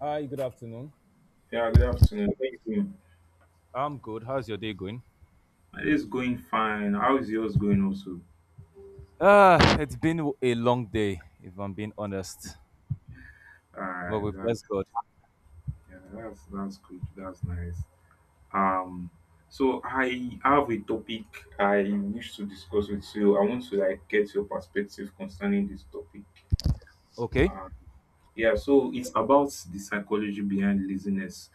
Hi, good afternoon. Yeah, good afternoon. How you doing? I'm good. How's your day going? My day's going fine. How is yours going also? Ah, it's been a long day, if I'm being honest. But Alright, we that's bless God. yeah, that's good. That's nice. Um, so I have a topic I wish to discuss with you. I want to like get your perspective concerning this topic. Okay. Uh, yeah, so it's about the psychology behind laziness.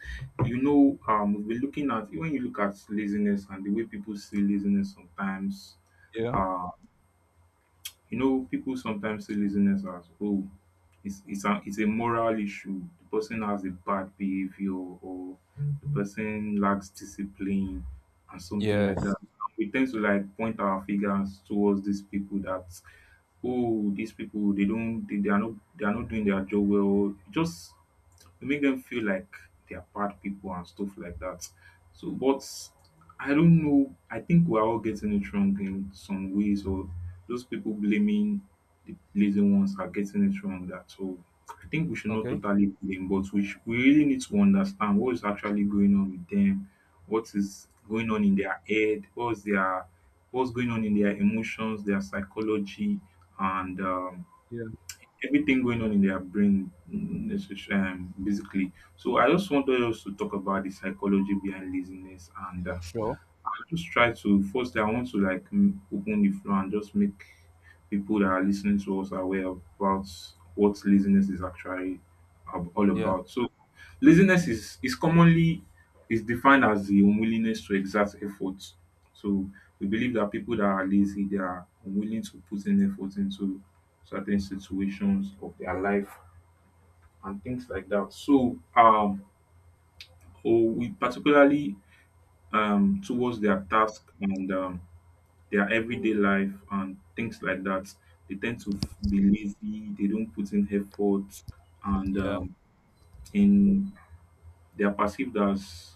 We've been looking at when you look at laziness and the way people see laziness sometimes. Yeah. um, You know, people sometimes see laziness as oh, it's a moral issue. The person has a bad behavior or the person lacks discipline and something like Yes. that. We tend to like point our fingers towards these people that oh, these people they don't they are not doing their job well. Just to make them feel like they are bad people and stuff like that. So, but I don't know. I think we're all getting it wrong in some ways, or those people blaming the lazy ones are getting it wrong. That so, I think we should not Okay. totally blame, but we really need to understand what is actually going on with them, what is going on in their head, what's going on in their emotions, their psychology, and Yeah. everything going on in their brain basically so I just want us to talk about the psychology behind laziness and Sure. just try to first I want to like open the floor and just make people that are listening to us aware about what laziness is actually all Yeah. about. So laziness is defined as the unwillingness to exert effort. So we believe that people that are lazy they are unwilling to put in effort into certain situations of their life and things like that. Or we particularly towards their task and their everyday life and things like that. They tend to be lazy, they don't put in effort, and Yeah. In they are perceived as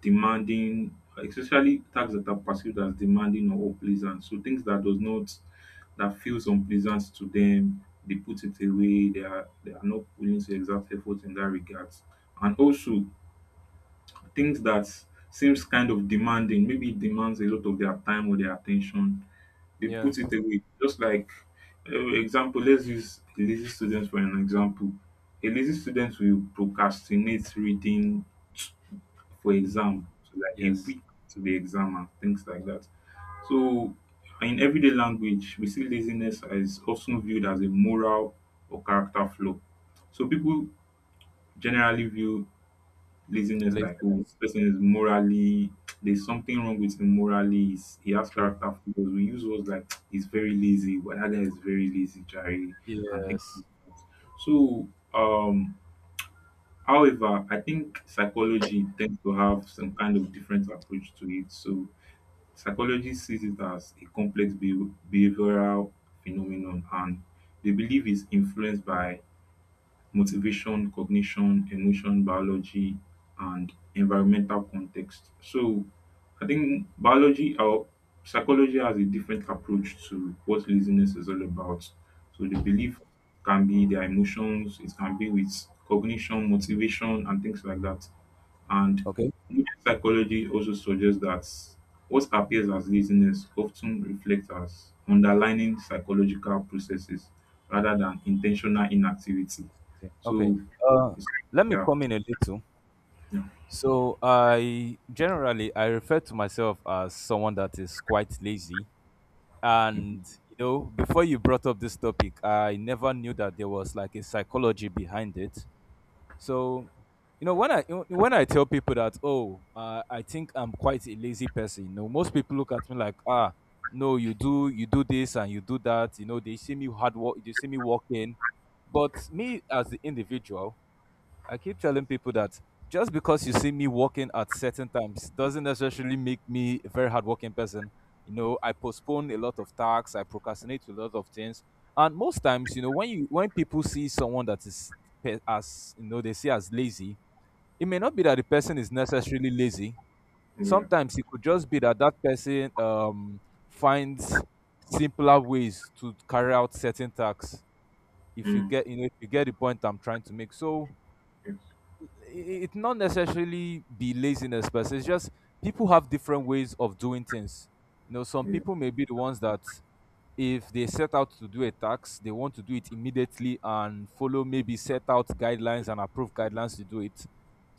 demanding, especially tasks that are perceived as demanding or unpleasant. So things that does not that feels unpleasant to them, they put it away. They are not willing to exert effort in that regard. And also things that seems kind of demanding, maybe it demands a lot of their time or their attention. They put Yes. it away. Just like, example, let's use a lazy student for an example. A lazy student will procrastinate reading for Mm, exam, so like a yes. week to the exam and things like that. So, in everyday language, we see laziness as often viewed as a moral or character flaw. So, people generally view laziness like oh this Laziness. person is morally there's something wrong with him morally he has True. character flaws we use words like he's very lazy but that guy is very lazy Jerry and things Yes. like that so um however I think psychology tends to have some kind of different approach to it so psychology sees it as a complex behavioral phenomenon and they believe it's influenced by motivation, cognition, emotion, biology, and environmental context. So I think biology or psychology has a different approach to what laziness is all about. So the belief can be their emotions, it can be with cognition, motivation, and things like that. And Okay. good psychology also suggests that what appears as laziness often reflects as underlying psychological processes rather than intentional inactivity. Okay. Okay. So Uh, it's let me yeah, come in a little. yeah, So I generally I refer to myself as someone that is quite lazy, and you know, before you brought up this topic, I never knew that there was like a psychology behind it. So you know, when I tell people that oh, I think I'm quite a lazy person, you know, most people look at me like ah, no, you do, you do this and you do that. You know, they see me hard work, they see me working, but me as the individual, I keep telling people that just because you see me working at certain times doesn't necessarily make me a very hardworking person. You know, I postpone a lot of tasks, I procrastinate a lot of things, and most times, you know, when people see someone that is pe- as you know they see as lazy, it may not be that the person is necessarily lazy. yeah, Sometimes it could just be that that person finds simpler ways to carry out certain tasks. If you mm, get, you know, if you get the point I'm trying to make, so yes, it's not necessarily be laziness, but it's just people have different ways of doing things. You know, some yes, people may be the ones that if they set out to do a tax, they want to do it immediately and follow maybe set out guidelines and approved guidelines to do it.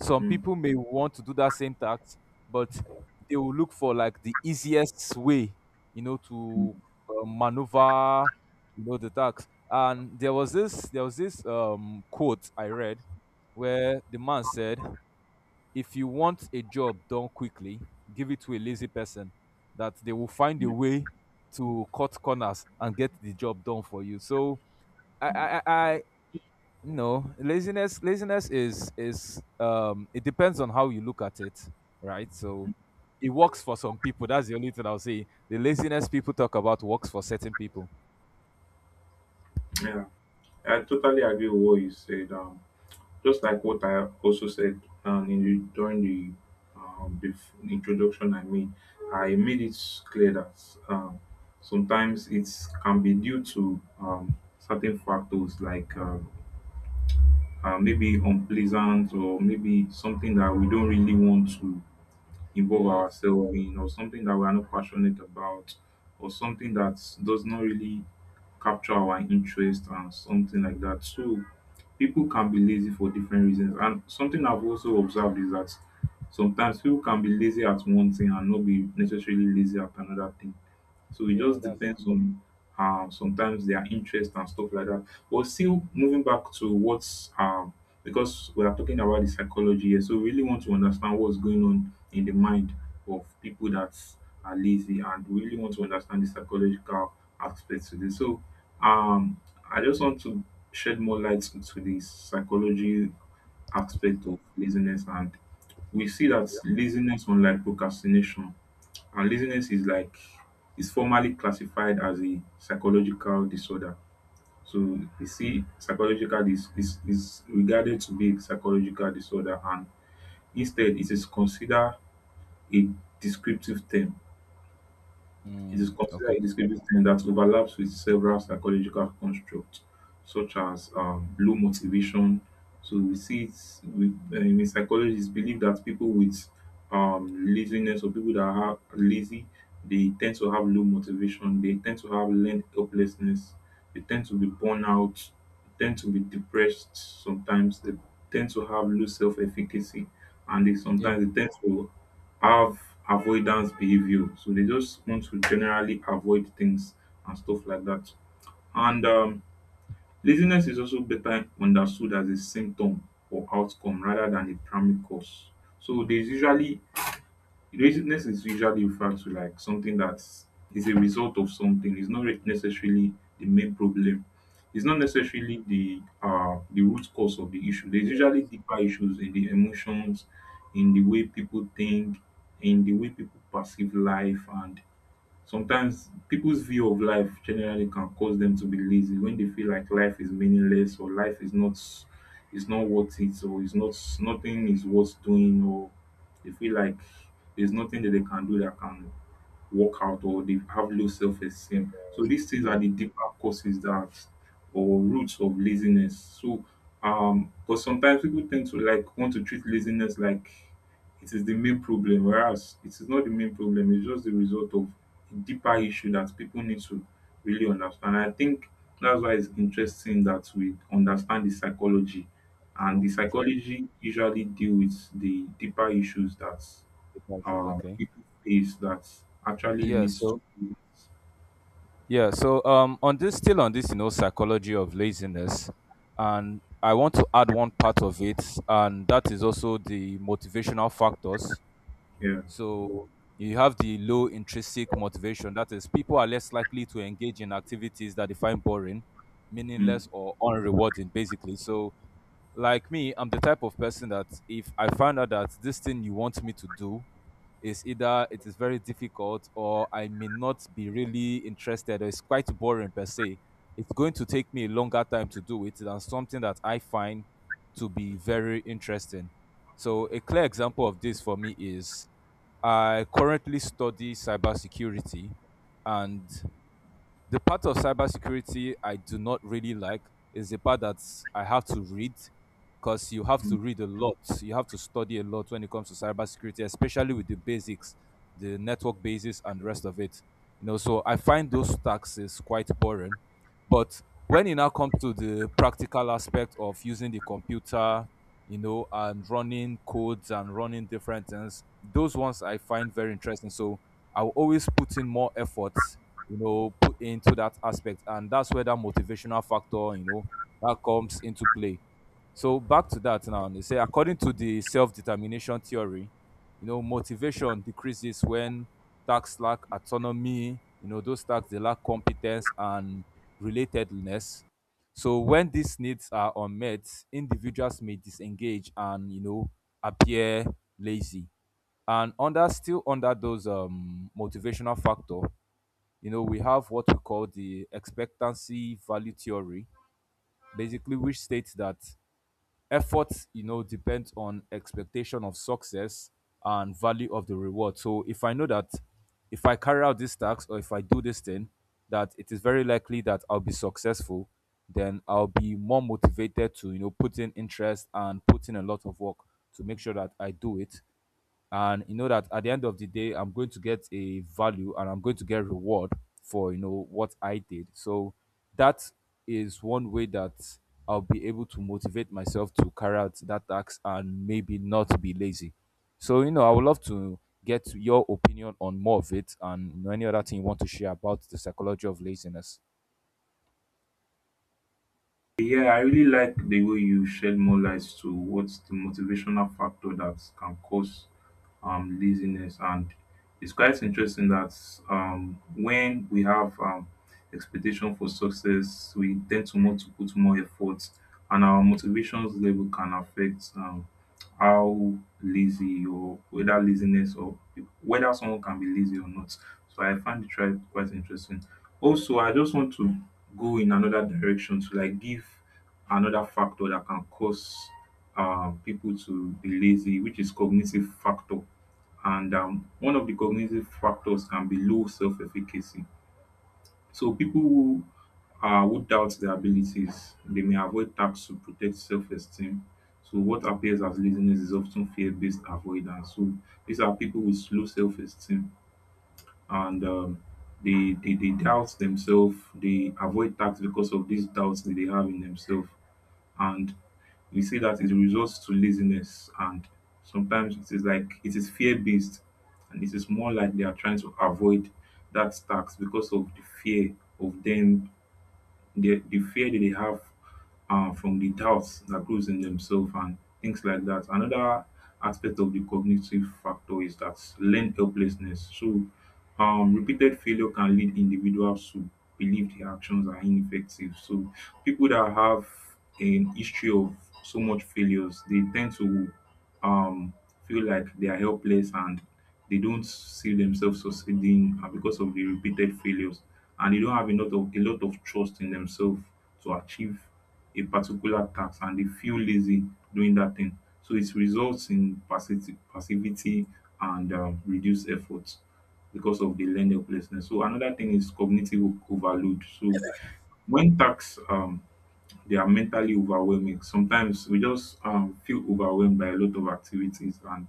Some mm, people may want to do that same tax, but they will look for like the easiest way, you know, to mm, maneuver, you know, the tax. And there was this quote I read where the man said, if you want a job done quickly, give it to a lazy person that they will find a mm, way to cut corners and get the job done for you. So I I mm, I, I, no, laziness is it depends on how you look at it, right? So it works for some people. That's the only thing I'll say. The laziness people talk about works for certain people. yeah. I totally agree with what you said. Just like what I also said in the, during the introduction, I made it clear that um, sometimes it can be due to certain factors like maybe unpleasant or maybe something that we don't really want to involve Yes. ourselves in or something that we are not passionate about or something that does not really capture our interest and something like that. So people can be lazy for different reasons. And something I've also observed is that sometimes people can be lazy at one thing and not be necessarily lazy at another thing so it Yeah, just that's depends on sometimes their interest and stuff like that. But still moving back to what's because we are talking about the psychology here, so we really want to understand what's going on in the mind of people that are lazy and we really want to understand the psychological aspects to this. So um, I just want to shed more light to the psychology aspect of laziness and we see that laziness unlike procrastination and laziness is formally classified as a psychological disorder. So you see, psychological is regarded to be a psychological disorder, and instead it is considered a descriptive term it is Mm, considered okay. a discriminant that overlaps with several psychological constructs, such as low motivation. So we see it with, in psychology, it's believed that people with laziness or people that are lazy, they tend to have low motivation. They tend to have learned helplessness. They tend to be burnt out. They tend to be depressed sometimes. They tend to have low self-efficacy, and they Yeah. sometimes they tend to have avoidance behavior. So they just want to generally avoid things and stuff like that. And laziness is also better understood as a symptom or outcome rather than a primary cause. So there's usually laziness is usually referred to like something that is a result of something. It's not re- necessarily the main problem. It's not necessarily the root cause of the issue. There's usually Yes, deeper issues in the emotions, in the way people think, in the way people perceive life, and sometimes people's view of life generally can cause them to be lazy when they feel like life is meaningless or life is not worth it or is not nothing is worth doing or they feel like there's nothing that they can do that can work out or they have low yes, self-esteem. So these things are yes. the deeper causes that or roots of laziness. So but sometimes people tend to like want to treat laziness like it is the main problem, whereas it is not the main problem, it's just the result of a deeper issue that people need to really understand. I think that's why it's interesting that we understand the psychology and True, the true. psychology usually deal with the deeper issues that Departures, okay. people face that actually Yeah. leads to. So yeah, so on this still on this, you know, psychology of laziness, and I want to add one part of it, and that is also the motivational factors. Yeah. So you have the low intrinsic motivation. That is, people are less likely to engage in activities that they find boring, Mm, meaningless, or unrewarding, basically. So like me, I'm the type of person that if I find out that this thing you want me to do is either it is very difficult, or I may not be really interested, or it's quite boring per se, it's going to take me a longer time to do it than something that I find to be very interesting. So a clear example of this for me is I currently study cybersecurity, and the part of cybersecurity I do not really like is the part that I have to read, because you have to mm. read a lot. You have to study a lot when it comes to cybersecurity, especially with the basics, the network basis, and the rest of it. You know, so I find those stacks is quite boring. But when it now comes to the practical aspect of using the computer, you know, and running codes and running different things. Those ones I find very interesting. So I will always put in more efforts, you know, put into that aspect. And that's where that motivational factor, you know, that comes into play. So back to that now. They say according to the self-determination theory, you know, motivation decreases when tasks lack autonomy, you know, those tasks they lack competence and relatedness. So when these needs are unmet, individuals may disengage and you know appear lazy. And under still under those motivational factor, you know, we have what we call the expectancy value theory, basically which states that effort you know depends on expectation of success and value of the reward. So if I know that if I carry out this task, or if I do this thing, that it is very likely that I'll be successful, then I'll be more motivated to you know put in interest and put in a lot of work to make sure that I do it, and you know that at the end of the day I'm going to get a value and I'm going to get reward for you know what I did. So that is one way that I'll be able to motivate myself to carry out that task and maybe not be lazy. So you know, I would love to get your opinion on more of it and you know, any other thing you want to share about the psychology of laziness. Yeah, I really like the way you shed more light to what's the motivational factor that can cause laziness. And it's quite interesting that when we have expectation for success, we tend to want to put more effort, and our motivations level can affect how lazy or whether laziness or whether someone can be lazy or not. So I find it quite quite interesting. Also, I just want to go in another direction to like give another factor that can cause people to be lazy, which is cognitive factor. And one of the cognitive factors can be low self-efficacy. So people who doubt their abilities, they may avoid tasks to protect self-esteem. So what appears as laziness is often fear-based avoidance. So these are people with low self-esteem and they doubt themselves they avoid tax because of these doubts that they have in themselves and we see that it results to laziness and sometimes it is like it is fear based and it is more like they are trying to avoid that tax because of the fear of them the fear that they have from the doubts that grows in themselves and things like that. Another aspect of the cognitive factor is that learned helplessness. So, repeated failure can lead individuals to believe their actions are ineffective. So, people that have an history of so much failures, they tend to um, feel like they are helpless and they don't see themselves succeeding because of the repeated failures and they don't have enough of a lot of trust in themselves to achieve a particular task and they feel lazy doing that thing. So it results in passivity, passivity and reduced effort because of the learned helplessness. So another thing is cognitive overload. So when tasks they are mentally overwhelming, sometimes we just feel overwhelmed by a lot of activities and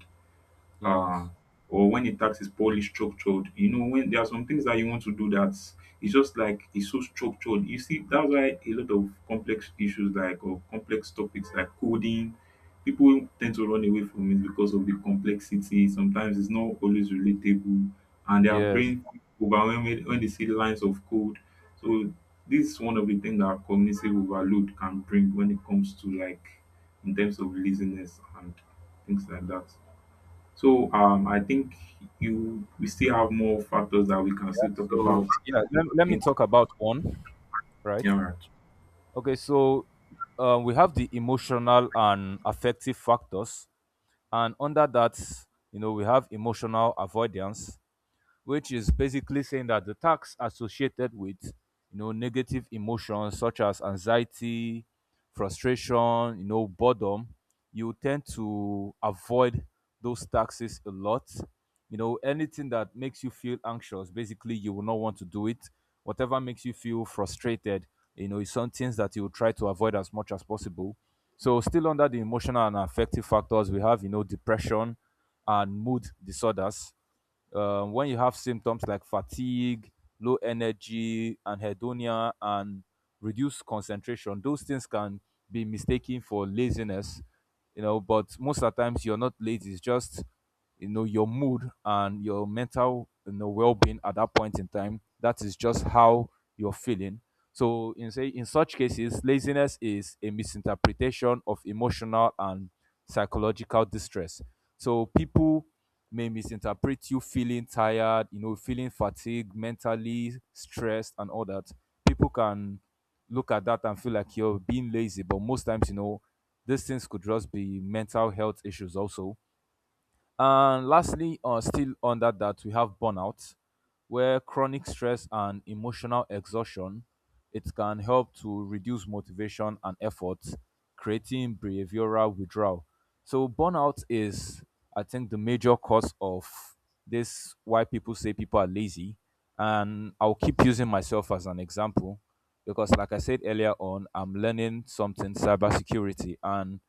Yes, um or when a task is poorly structured, you know, when there are some things that you want to do that it's just like it's so structured, you see. That's why a lot of complex issues like or complex topics like coding, people tend to run away from it because of the complexity. Sometimes it's not always relatable and their yes. brain overwhelmed when they see lines of code. So this is one of the things that cognitive overload can bring when it comes to like in terms of laziness and things like that. So I think you we still have more factors that we can Yeah, still talk about. so yeah, let, I let me think talk about one, right. yeah. Okay, so we have the emotional and affective factors, and under that, you know, we have emotional avoidance, which is basically saying that the tax associated with you know negative emotions such as anxiety, frustration, you know, boredom, you tend to avoid those taxes a lot. You know, anything that makes you feel anxious, basically you will not want to do it. Whatever makes you feel frustrated, you know, is some things that you will try to avoid as much as possible. So still under the emotional and affective factors, we have you know depression and mood disorders. When you have symptoms like fatigue, low energy, anhedonia, and reduced concentration, those things can be mistaken for laziness, you know. But most of the times, you're not lazy. It's just you know your mood and your mental you know well-being at that point in time. That is just how you're feeling. So in say in such cases, laziness is a misinterpretation of emotional and psychological distress. So people may misinterpret you feeling tired, you know, feeling fatigued, mentally stressed, and all that. People can look at that and feel like you're being lazy, but most times, you know, these things could just be mental health issues also. And lastly, still under that, we have burnout, where chronic stress and emotional exhaustion, it can help to reduce motivation and effort, creating behavioral withdrawal. So burnout is, I think, the major cause of this why people say people are lazy. And I'll keep using myself as an example because, like I said earlier on, I'm learning something cybersecurity, and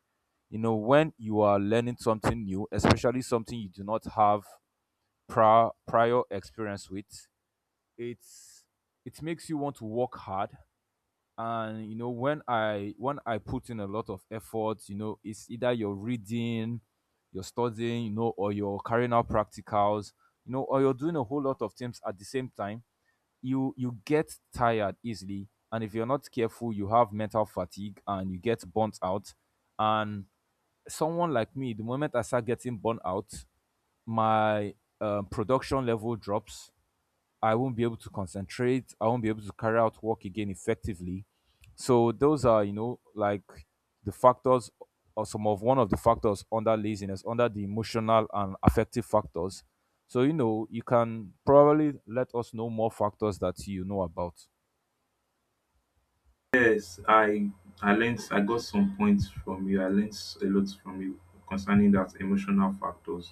you know when you are learning something new, especially something you do not have prior experience with, it's it makes you want to work hard. And you know, when I put in a lot of effort, you know, it's either you're reading, you're studying, you know, or you're carrying out practicals, you know, or you're doing a whole lot of things at the same time, you get tired easily, and if you're not careful, you have mental fatigue and you get burnt out. And someone like me, the moment I start getting burnt out, my production level drops. I won't be able to concentrate. I won't be able to carry out work again effectively. So those are, you know, like the factors, or some of one of the factors under laziness, under the emotional and affective factors. So you know, you can probably let us know more factors that you know about. Yes, I learned, I got some points from you. I learned a lot from you concerning that emotional factors.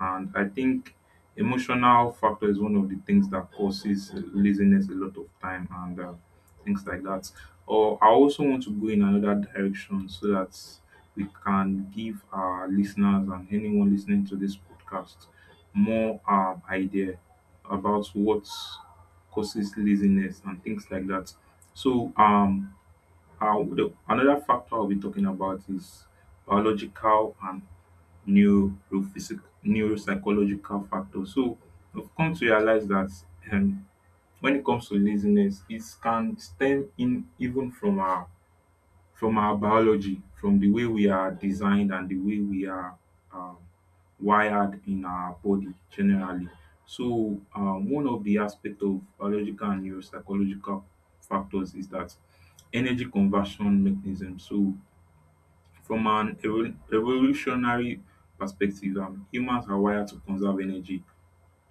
And I think emotional factor is one of the things that causes laziness a lot of time and things like that. Or I also want to go in another direction so that we can give our listeners and anyone listening to this podcast more idea about what causes laziness and things like that. So another factor I'll be talking about is biological and neurophysic neuropsychological factors. So I've come to realize that, um, when it comes to laziness, it can stem in even from our biology, from the way we are designed and the way we are um, wired in our body generally. So, one of the aspect of biological and neuropsychological factors is that energy conversion mechanism. So, from an evolutionary perspective, humans are wired to conserve energy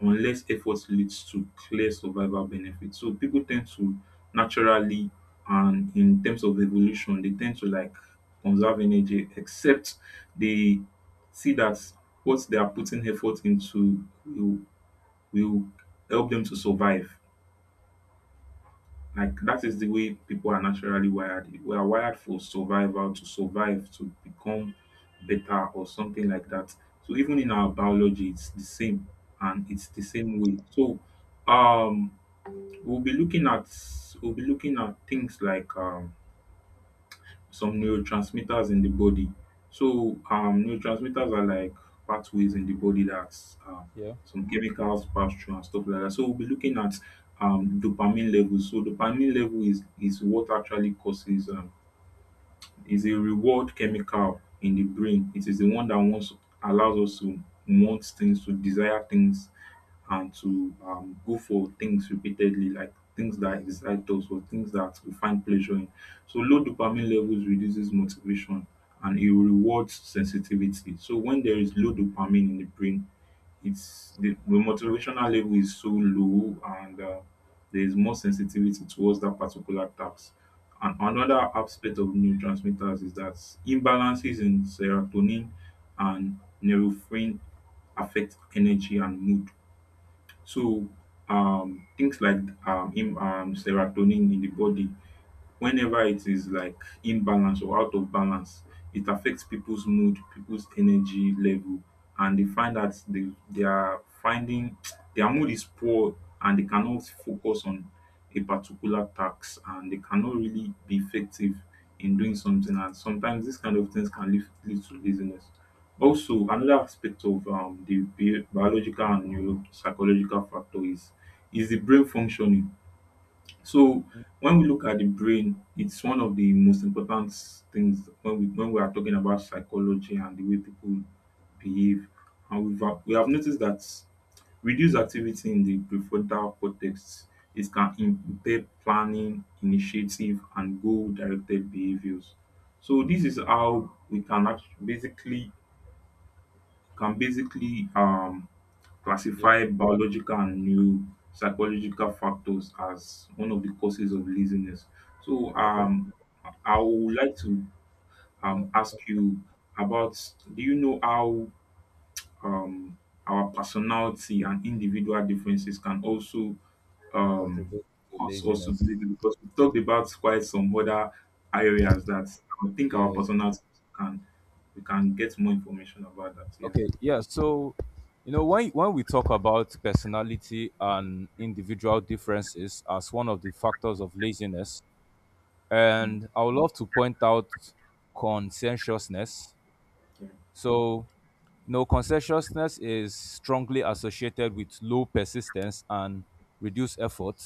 unless effort leads to clear survival benefits. So people tend to naturally, and in terms of evolution, they tend to like conserve energy, except they see that what they are putting effort into will help them to survive. Like that is the way people are naturally wired. We are wired for survival, to survive, to become better or something like that. So even in our biology, it's the same, and it's the same way. So um we'll be looking at we'll be looking at things like some neurotransmitters in the body. So, neurotransmitters are like pathways in the body that um, Yeah, some chemicals pass through and stuff like that. So, we'll be looking at dopamine levels. So, dopamine level is what actually causes, is a reward chemical in the brain. It is the one that wants, allows us to want things, to desire things and to go for things repeatedly, like things that excite us or things that we find pleasure in. So low dopamine levels reduces motivation and it rewards sensitivity. So when there is low dopamine in the brain, it's the motivational level is so low and there is more sensitivity towards that particular task. And another aspect of neurotransmitters is that imbalances in serotonin and neurofin affect energy and mood. So things like im serotonin in the body, whenever it is like imbalance or out of balance, it affects people's mood, people's energy level, and they find that they are finding their mood is poor and they cannot focus on a particular task, and they cannot really be effective in doing something, and sometimes these kind of things can lead to laziness. Also another aspect of biological and neuropsychological factor is the brain functioning. So when we look at the brain, it's one of the most important things when we are talking about psychology and the way people behave. And we have noticed that reduced activity in the prefrontal cortex, it can impair planning, initiative, and goal-directed behaviors. So this is how we can basically can basically yeah. classify biological and new psychological factors as one of the causes of laziness. So Okay. I would like to No, ask okay. you about, do you know how um, our personality and individual differences can also um, Contribute to cause us to laziness. be lazy? Because we talked about quite some other areas that I think our Yes. personality can, we can get more information about that. Yeah. Okay, yeah. So, you know, when we talk about personality and individual differences as one of the factors of laziness, Mm, and I would love to point out conscientiousness. yeah. So, you know, conscientiousness is strongly associated with low persistence and reduced effort.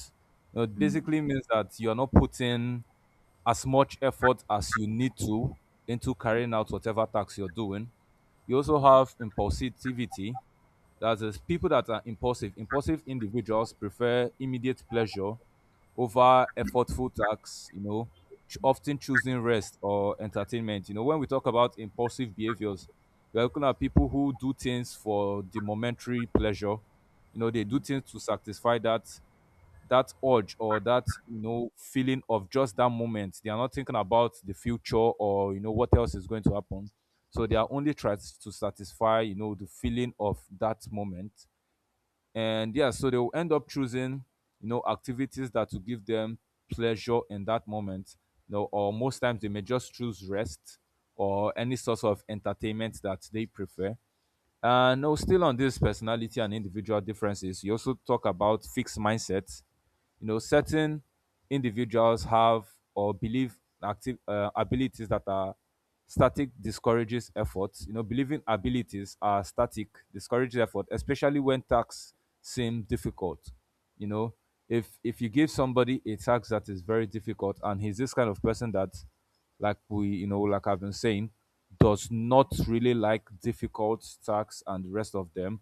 You know, it Mm. basically means that you're not putting as much effort as you need to into carrying out whatever task you're doing. You also have impulsivity, that is, people that are impulsive, impulsive individuals prefer immediate pleasure over effortful tasks, you know, often choosing rest or entertainment. You know, when we talk about impulsive behaviors, we're looking at people who do things for the momentary pleasure. You know, they do things to satisfy that urge or that feeling of just that moment. They are not thinking about the future or what else is going to happen, so they are only trying to satisfy the feeling of that moment. And yeah, so they will end up choosing activities that will give them pleasure in that moment, or most times they may just choose rest or any sort of entertainment that they prefer. No, Still on this personality and individual differences, you also talk about fixed mindsets. Certain individuals have or believe active abilities that are static discourages efforts. You know, believing abilities are static discourages effort, especially when tasks seem difficult. You know, if you give somebody a task that is very difficult, and he's this kind of person that, like I've been saying, does not really like difficult tasks and the rest of them,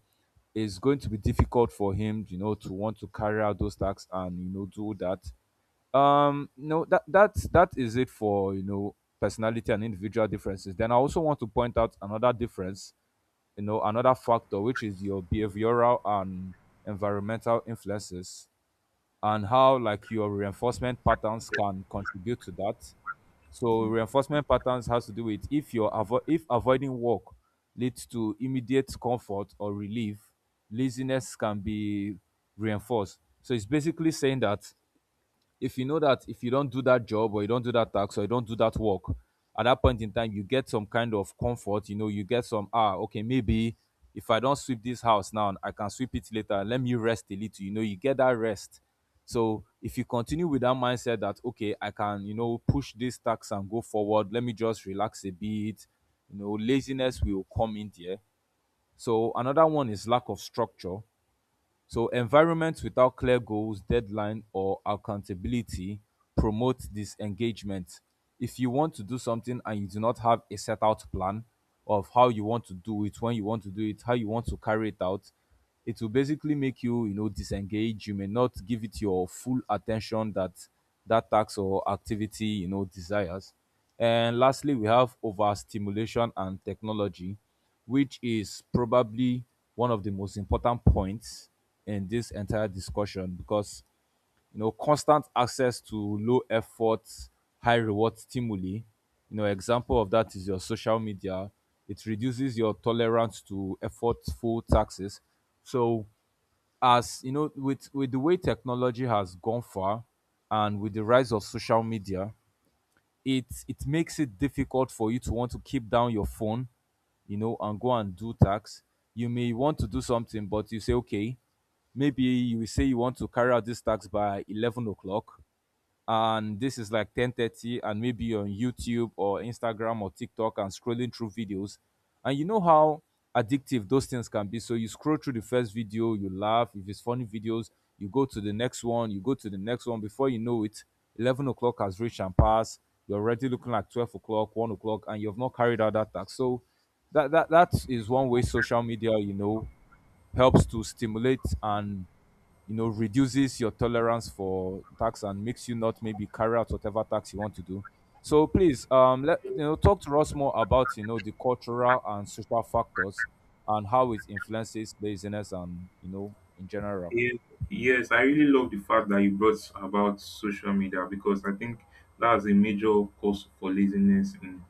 it's going to be difficult for him, you know, to want to carry out those tasks and do that. No, That is it for personality and individual differences. Then I also want to point out another difference, you know, another factor, which is your behavioral and environmental influences, and how like your reinforcement patterns can contribute to that. So 2. reinforcement patterns has to do with if avoiding work leads to immediate comfort or relief, laziness can be reinforced. So it's basically saying that if you know that if you don't do that job or you don't do that tax or you don't do that work at that point in time, you get some kind of comfort. You know, you get some, ah, okay, maybe if I don't sweep this house now, I can sweep it later, let me rest a little. You know, you get that rest. So if you continue with that mindset, that okay, I can, you know, push this tax and go forward, let me just relax a bit, you know, laziness will come in there. So another one is lack of structure. So environments without clear goals, deadline or accountability promote disengagement. If you want to do something and you do not have a set out plan of how you want to do it, when you want to do it, how you want to carry it out, it will basically make you, you know, disengage. You may not give it your full attention that task or activity, you know, desires. And lastly, we have overstimulation and technology, which is probably one of the most important points in this entire discussion, because you know, constant access to low effort, high reward stimuli, you know, example of that is your social media. It reduces your tolerance to effortful taxes. So as you know, with the way technology has gone far, and with the rise of social media, it makes it difficult for you to want to keep down your phone, you know, and go and do tasks. You may want to do something, but you say okay, maybe you say you want to carry out this task by 11 o'clock, and this is like 10:30, and maybe you're on YouTube or Instagram or TikTok and scrolling through videos, and you know how addictive those things can be. So you scroll through the first video, you laugh if it's funny videos, you go to the next one, you go to the next one, before you know it, 11 o'clock has reached and passed, you're already looking like 12 o'clock, 1 o'clock, and you've not carried out that task. So that is one way social media, you know, helps to stimulate and you know reduces your tolerance for tax and makes you not maybe carry out whatever tax you want to do. So please, let, you know, talk to us more about, you know, the cultural and social factors and how it influences laziness and you know in general. Yes, yes, I really love the fact that you brought about social media, because I think that's a major cause for laziness in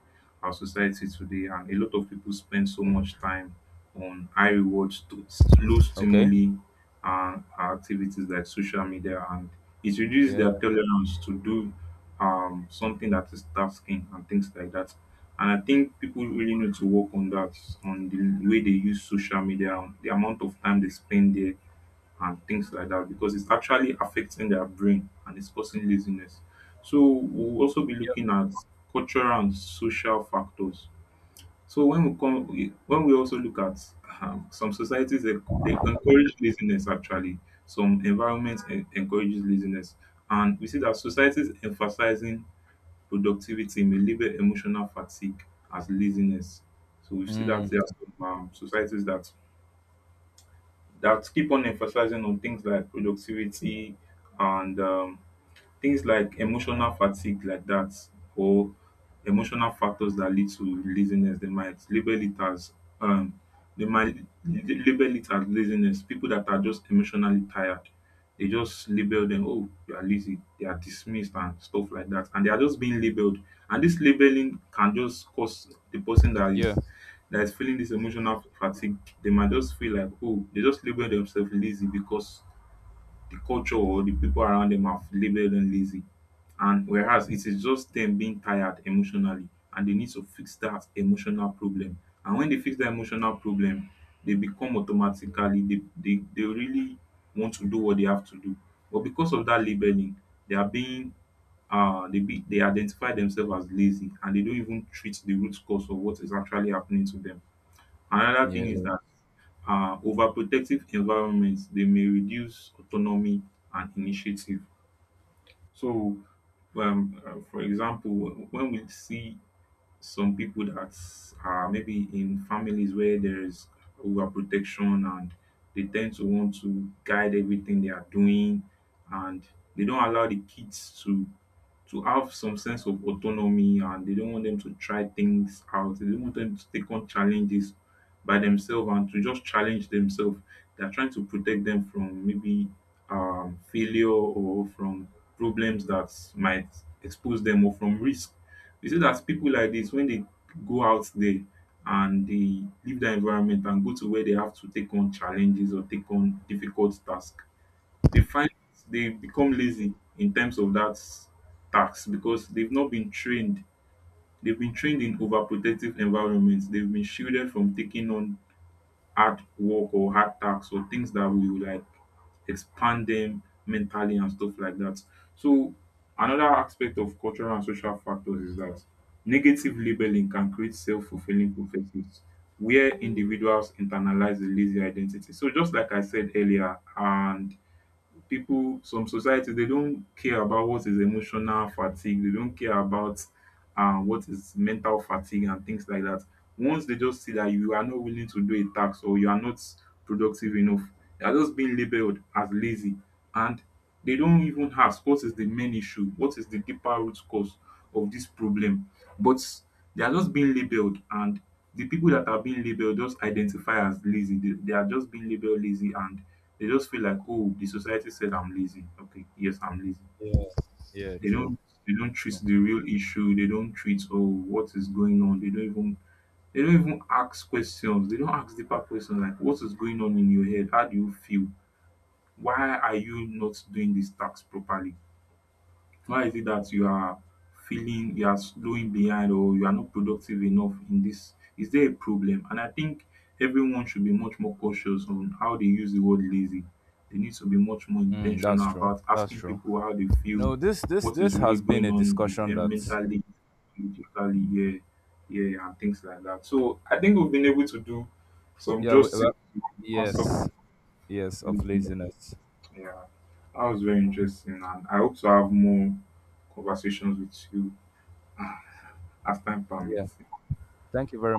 our society today. And a lot of people spend so much time on high reward, to low Okay. stimuli, and activities like social media, and it reduces Yeah. their tolerance to do something that is tasking and things like that. And I think people really need to work on that, on the way they use social media, on the amount of time they spend there and things like that, because it's actually affecting their brain and it's causing laziness. So we'll also be Yeah. looking at cultural and social factors. So when we come, when we also look at some societies, they encourage laziness actually. Some environments encourages laziness, and we see that societies emphasizing productivity may label emotional fatigue as laziness. So we see that Mm. there are some societies that that keep on emphasizing on things like productivity and things like emotional fatigue like that, or emotional factors that lead to laziness, they might label it as um they might label it as laziness. People that are just emotionally tired, they just label them, oh, you are lazy. They are dismissed and stuff like that, and they are just being labeled. And this labeling can just cause the person Yeah, that is feeling this emotional fatigue, they might just feel like, oh, they just label themselves lazy because the culture or the people around them have labeled them lazy. And whereas it is just them being tired emotionally, and they need to fix that emotional problem. And when they fix that emotional problem, they become automatically, they really want to do what they have to do. But because of that labeling, they are being, they, be, they identify themselves as lazy, and they don't even treat the root cause of what is actually happening to them. Another thing is yeah, that overprotective environments, they may reduce autonomy and initiative. So for example, when we see some people that are maybe in families where there is overprotection, and they tend to want to guide everything they are doing, and they don't allow the kids to have some sense of autonomy, and they don't want them to try things out. They don't want them to take on challenges by themselves and to just challenge themselves. They're trying to protect them from maybe failure or from problems that might expose them or from risk. You see that people like this, when they go out there and they leave their environment and go to where they have to take on challenges or take on difficult tasks, they find they become lazy in terms of that tax because they've not been trained. They've been trained in overprotective environments. They've been shielded from taking on hard work or hard tasks or things that will like expand them mentally and stuff like that. So another aspect of cultural and social factors is that negative labeling can create self-fulfilling prophecies where individuals internalize a lazy identity. So just like I said earlier, and people, some societies, they don't care about what is emotional fatigue, they don't care about what is mental fatigue and things like that. Once they just see that you are not willing to do a task or you are not productive enough, they are just being labeled as lazy, and they don't even ask what is the main issue, what is the deeper root cause of this problem. But they are just being labeled, and the people that are being labeled just identify as lazy. They are just being labeled lazy, and they just feel like, oh, the society said I'm lazy. Okay, yes, I'm lazy. yeah, yeah. They True. don't, they don't treat True. the real issue. They don't treat, oh, what is going on. They don't even, they don't even ask questions. They don't ask deeper questions like, what is going on in your head? How do you feel? Why are you not doing this task properly? Why is it that you are feeling you are slowing behind or you are not productive enough in this? Is there a problem? And I think everyone should be much more cautious on how they use the word lazy. They need to be much more Mm, that's intentional true, about that's asking true. people how they You feel, know, this this what this is really has been going a on with discussion them that, mentally, physically, yeah, yeah, and things like that. So I think we've been able to do some yeah, we, justice well, to the concept of yes, yes, of laziness. laziness. Yeah, that was very interesting, and I hope to have more conversations with you as time Yeah, permits. thank you very much.